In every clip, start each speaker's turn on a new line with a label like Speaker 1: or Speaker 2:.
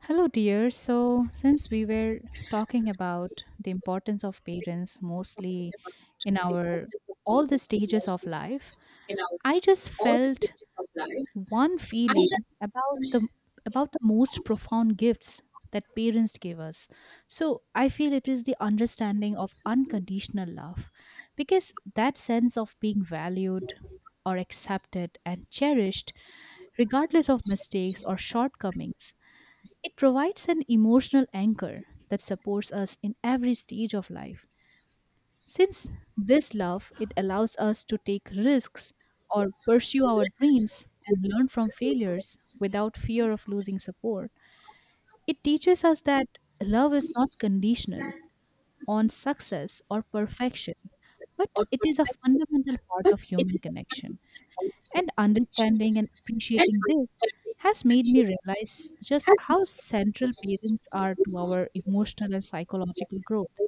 Speaker 1: Hello, dear. So, since we were talking about the importance of parents mostly in our all the stages of life, I just felt one feeling about the about the most profound gifts that parents give us. So, I feel it is the understanding of unconditional love, because that sense of being valued or accepted and cherished regardless of mistakes or shortcomings, it provides an emotional anchor that supports us in every stage of life. Since this love, it allows us to take risks or pursue our dreams and learn from failures without fear of losing support. It teaches us that love is not conditional on success or perfection, but it is a fundamental part of human connection. And understanding and appreciating this has made me realize just how central parents are to our emotional and psychological growth.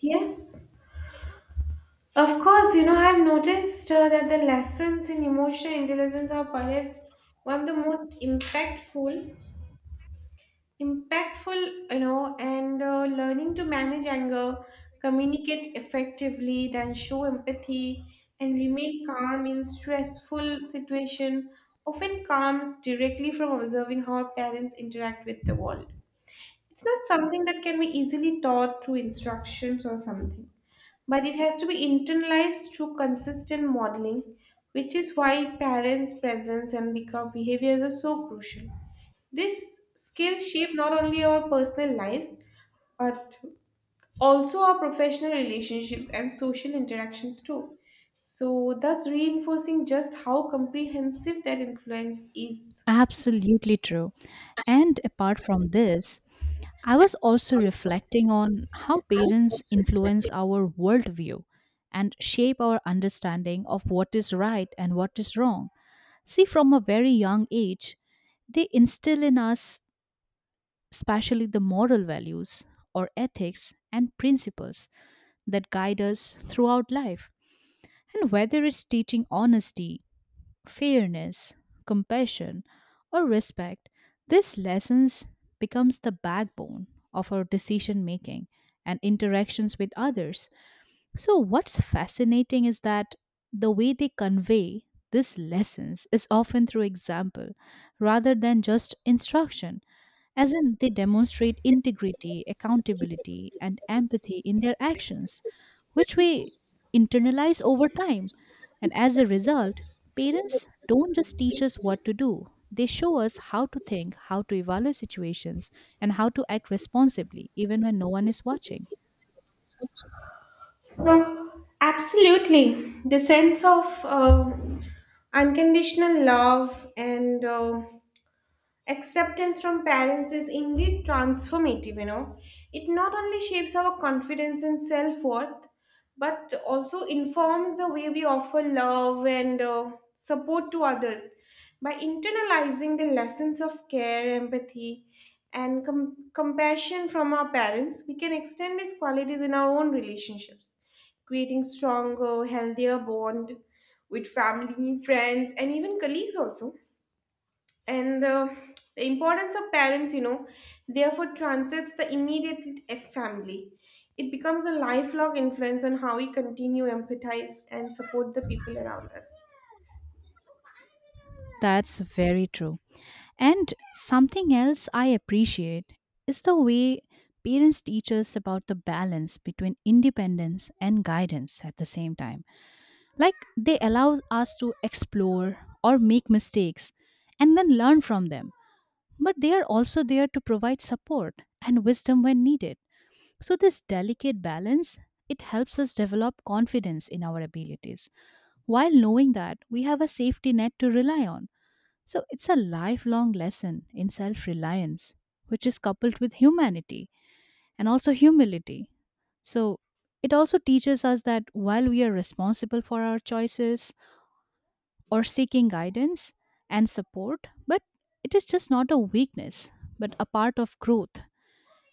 Speaker 2: Yes, of course. I've noticed that the lessons in emotional intelligence are perhaps one of the most impactful, and learning to manage anger, communicate effectively, then show empathy, and remain calm in stressful situation often comes directly from observing how our parents interact with the world. It's not something that can be easily taught through instructions or something, but it has to be internalized through consistent modeling, which is why parents' presence and behaviors are so crucial. This skill shape not only our personal lives, but also our professional relationships and social interactions too. So, thus reinforcing just how comprehensive that influence is.
Speaker 1: Absolutely true. And apart from this, I was also reflecting on how parents influence our worldview and shape our understanding of what is right and what is wrong. See, from a very young age, they instill in us, especially the moral values or ethics and principles that guide us throughout life. And whether it's teaching honesty, fairness, compassion, or respect, these lessons becomes the backbone of our decision making and interactions with others. So, what's fascinating is that the way they convey these lessons is often through example rather than just instruction, as in they demonstrate integrity, accountability, and empathy in their actions, which we internalize over time. And as a result, parents don't just teach us what to do, they show us how to think, how to evaluate situations, and how to act responsibly, even when no one is watching.
Speaker 2: Absolutely. The sense of unconditional love and acceptance from parents is indeed transformative. It not only shapes our confidence and self worth, but also informs the way we offer love and support to others. By internalizing the lessons of care, empathy, and compassion from our parents, we can extend these qualities in our own relationships, creating stronger, healthier bond with family, friends, and even colleagues also and the importance of parents therefore transcends the immediate family. It becomes a lifelong influence on how we continue empathize and support the people around us.
Speaker 1: That's very true. And something else I appreciate is the way parents teach us about the balance between independence and guidance at the same time. Like, they allow us to explore or make mistakes and then learn from them. But they are also there to provide support and wisdom when needed. So this delicate balance, it helps us develop confidence in our abilities while knowing that we have a safety net to rely on. So it's a lifelong lesson in self reliance, which is coupled with humanity and also humility. So it also teaches us that while we are responsible for our choices or seeking guidance and support, but it is just not a weakness, but a part of growth.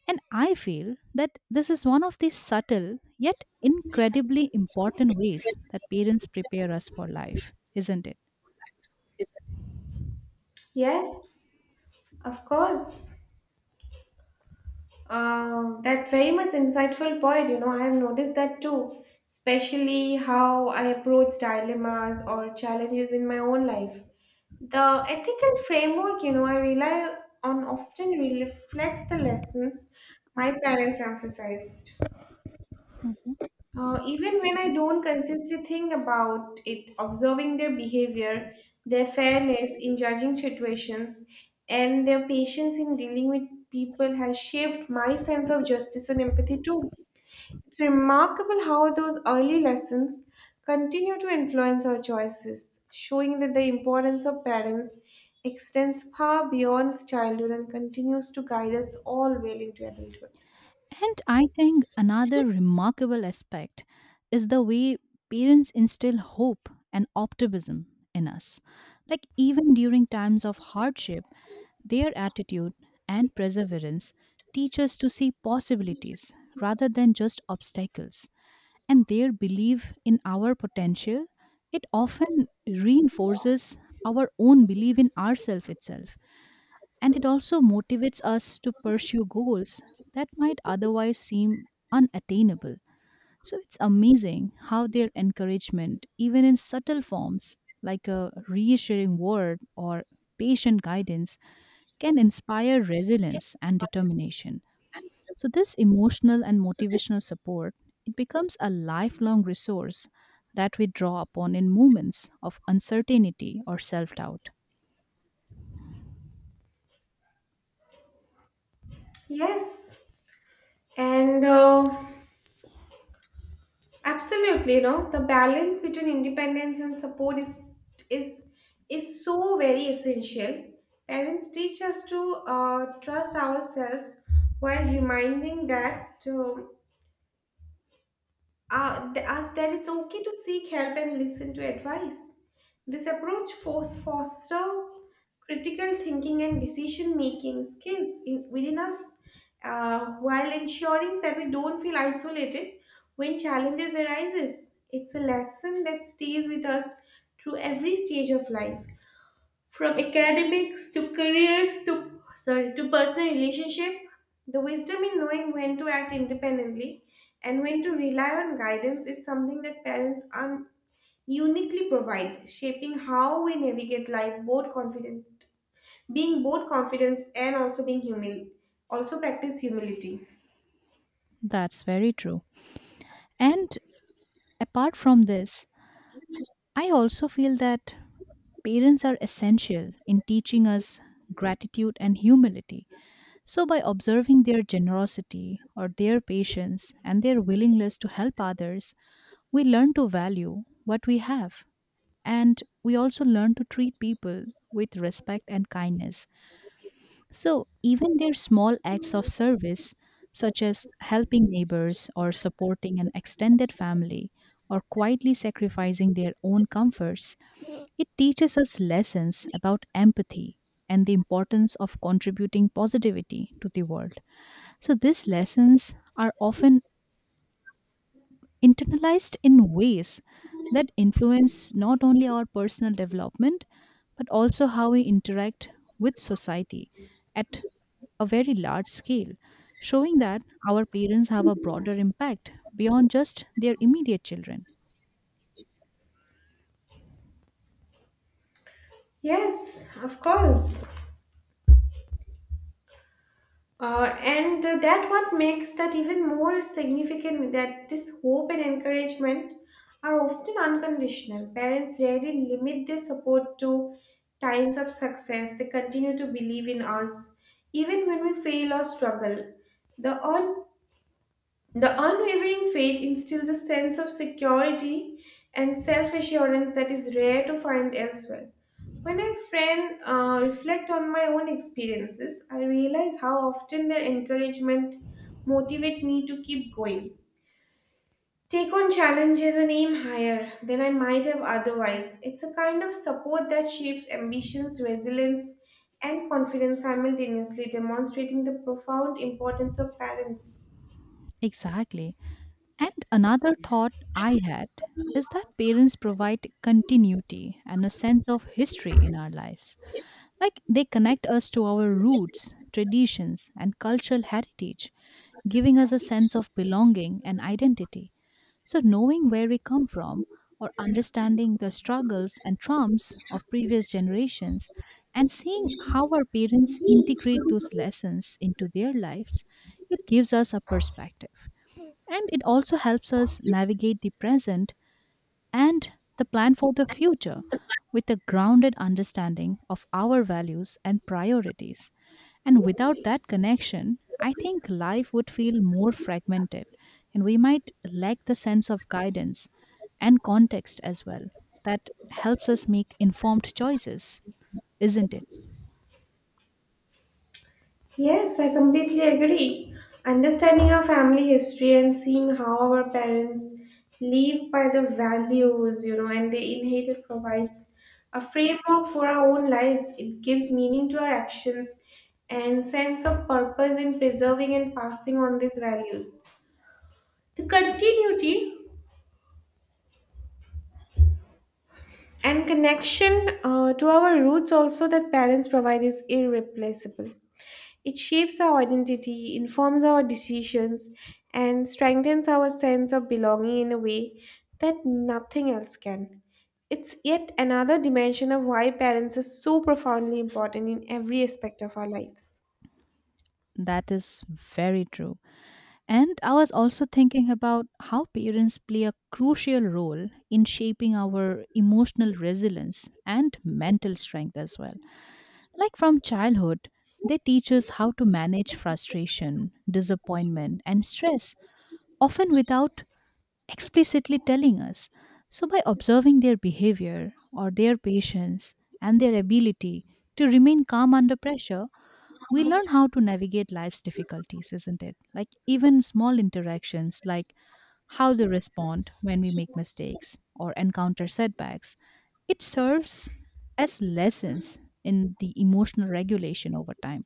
Speaker 1: And I feel that this is one of the subtle yet incredibly important ways that parents prepare us for life, isn't it?
Speaker 2: Yes, of course. That's very much insightful point. I have noticed that too, especially how I approach dilemmas or challenges in my own life. The ethical framework, I rely on often reflects the lessons my parents emphasized. Even when I don't consistently think about it, observing their behavior, their fairness in judging situations, and their patience in dealing with people has shaped my sense of justice and empathy too. It's remarkable how those early lessons continue to influence our choices, showing that the importance of parents extends far beyond childhood and continues to guide us all well into adulthood.
Speaker 1: And I think another remarkable aspect is the way parents instill hope and optimism in us. Like, even during times of hardship, their attitude and perseverance teach us to see possibilities rather than just obstacles. And their belief in our potential, it often reinforces our own belief in ourself itself, and it also motivates us to pursue goals that might otherwise seem unattainable. So it's amazing how their encouragement, even in subtle forms like a reassuring word or patient guidance, can inspire resilience and determination. So this emotional and motivational support, it becomes a lifelong resource that we draw upon in moments of uncertainty or self-doubt.
Speaker 2: Yes. And Absolutely, the balance between independence and support is is so very essential. Parents teach us to trust ourselves while reminding that as that it's okay to seek help and listen to advice. This approach force foster critical thinking and decision making skills in, within us while ensuring that we don't feel isolated when challenges arises. It's a lesson that stays with us through every stage of life. From academics to careers to sorry to personal relationship, the wisdom in knowing when to act independently and when to rely on guidance is something that parents uniquely provide, shaping how we navigate life both confidence and also being humil also practice humility.
Speaker 1: That's very true. And apart from this, I also feel that parents are essential in teaching us gratitude and humility. So, by observing their generosity or their patience and their willingness to help others, we learn to value what we have. And we also learn to treat people with respect and kindness. So, even their small acts of service, such as helping neighbors or supporting an extended family or quietly sacrificing their own comforts, it teaches us lessons about empathy and the importance of contributing positivity to the world. So, these lessons are often internalized in ways that influence not only our personal development, but also how we interact with society at a very large scale, showing that our parents have a broader impact beyond just their immediate children.
Speaker 2: Yes, of course. And that what makes that even more significant that this hope and encouragement are often unconditional. Parents rarely limit their support to times of success. They continue to believe in us even when we fail or struggle. The un- the unwavering faith instills a sense of security and self assurance that is rare to find elsewhere. When I friend reflect on my own experiences, I realize how often their encouragement motivate me to keep going. Take on challenges and aim higher than I might have otherwise. It's a kind of support that shapes ambitions, resilience, and confidence simultaneously, demonstrating the profound importance of parents.
Speaker 1: Exactly. And another thought I had is that parents provide continuity and a sense of history in our lives. Like, they connect us to our roots, traditions, and cultural heritage, giving us a sense of belonging and identity. So, knowing where we come from or understanding the struggles and traumas of previous generations and seeing how our parents integrate those lessons into their lives, it gives us a perspective. And it also helps us navigate the present and the plan for the future with a grounded understanding of our values and priorities. And without that connection, I think life would feel more fragmented and we might lack the sense of guidance and context as well that helps us make informed choices, isn't it?
Speaker 2: Yes, I completely agree. Understanding our family history and seeing how our parents live by the values and they inherited provides a framework for our own lives. It gives meaning to our actions and sense of purpose in preserving and passing on these values. The continuity and connection to our roots also that parents provide is irreplaceable. It shapes our identity, informs our decisions, and strengthens our sense of belonging in a way that nothing else can. It's yet another dimension of why parents are so profoundly important in every aspect of our lives.
Speaker 1: That is very true. And I was also thinking about how parents play a crucial role in shaping our emotional resilience and mental strength as well. Like, from childhood, they teach us how to manage frustration, disappointment, and stress, often without explicitly telling us. So, by observing their behavior or their patience and their ability to remain calm under pressure, we learn how to navigate life's difficulties, isn't it? Like, even small interactions, like how they respond when we make mistakes or encounter setbacks, it serves as lessons in the emotional regulation over time,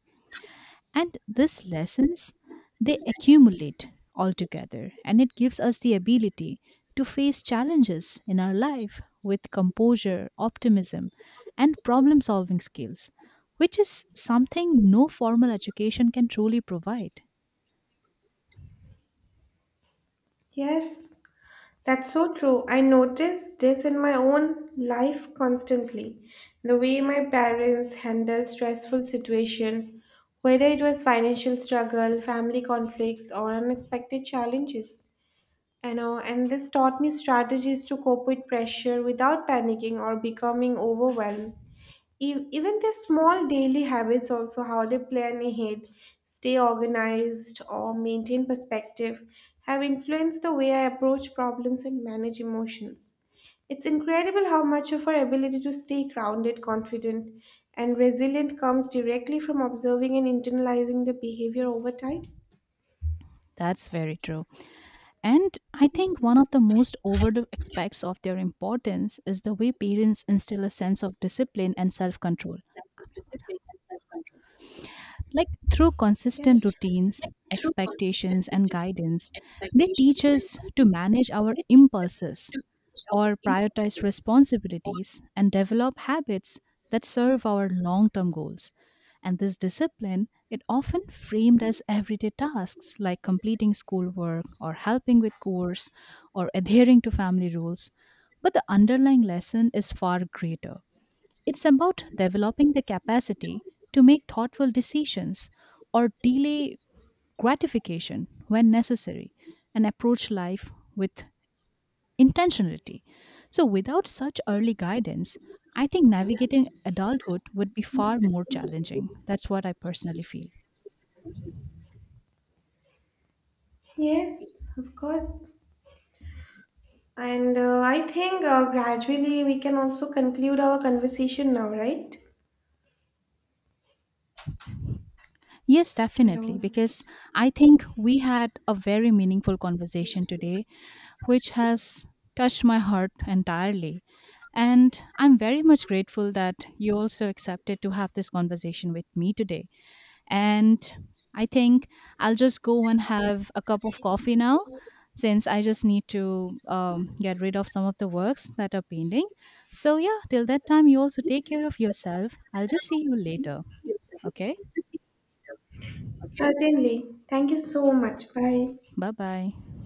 Speaker 1: and these lessons, they accumulate altogether, and it gives us the ability to face challenges in our life with composure, optimism, and problem solving skills, which is something no formal education can truly provide.
Speaker 2: Yes, that's so true. I notice this in my own life constantly. The way my parents handle stressful situation, whether it was financial struggle, family conflicts, or unexpected challenges. I know, and this taught me strategies to cope with pressure without panicking or becoming overwhelmed. Even the small daily habits, also how they plan ahead, stay organized, or maintain perspective, have influenced the way I approach problems and manage emotions. It's incredible how much of our ability to stay grounded, confident, and resilient comes directly from observing and internalizing the behavior over time.
Speaker 1: That's very true. And I think one of the most overlooked aspects of their importance is the way parents instill a sense of discipline and self-control. Like, through consistent
Speaker 2: Yes.
Speaker 1: routines, expectations, and guidance, they teach us to manage our impulses or prioritize responsibilities and develop habits that serve our long-term goals. And this discipline, it often framed as everyday tasks like completing schoolwork or helping with chores or adhering to family rules. But the underlying lesson is far greater, it's about developing the capacity to make thoughtful decisions or delay gratification when necessary and approach life with intentionality. So, without such early guidance, I think navigating adulthood would be far more challenging. That's what I personally feel.
Speaker 2: Yes, of course. And I think gradually we can also conclude our conversation now, right?
Speaker 1: Yes, definitely.
Speaker 2: Hello.
Speaker 1: Because I think we had a very meaningful conversation today, which has touched my heart entirely. And I'm very much grateful that you also accepted to have this conversation with me today. And I think I'll just go and have a cup of coffee now, since I just need to get rid of some of the works that are pending. So, yeah, till that time, you also take care of yourself. I'll just see you later. Okay?
Speaker 2: Certainly. Thank you so much. Bye.
Speaker 1: Bye bye.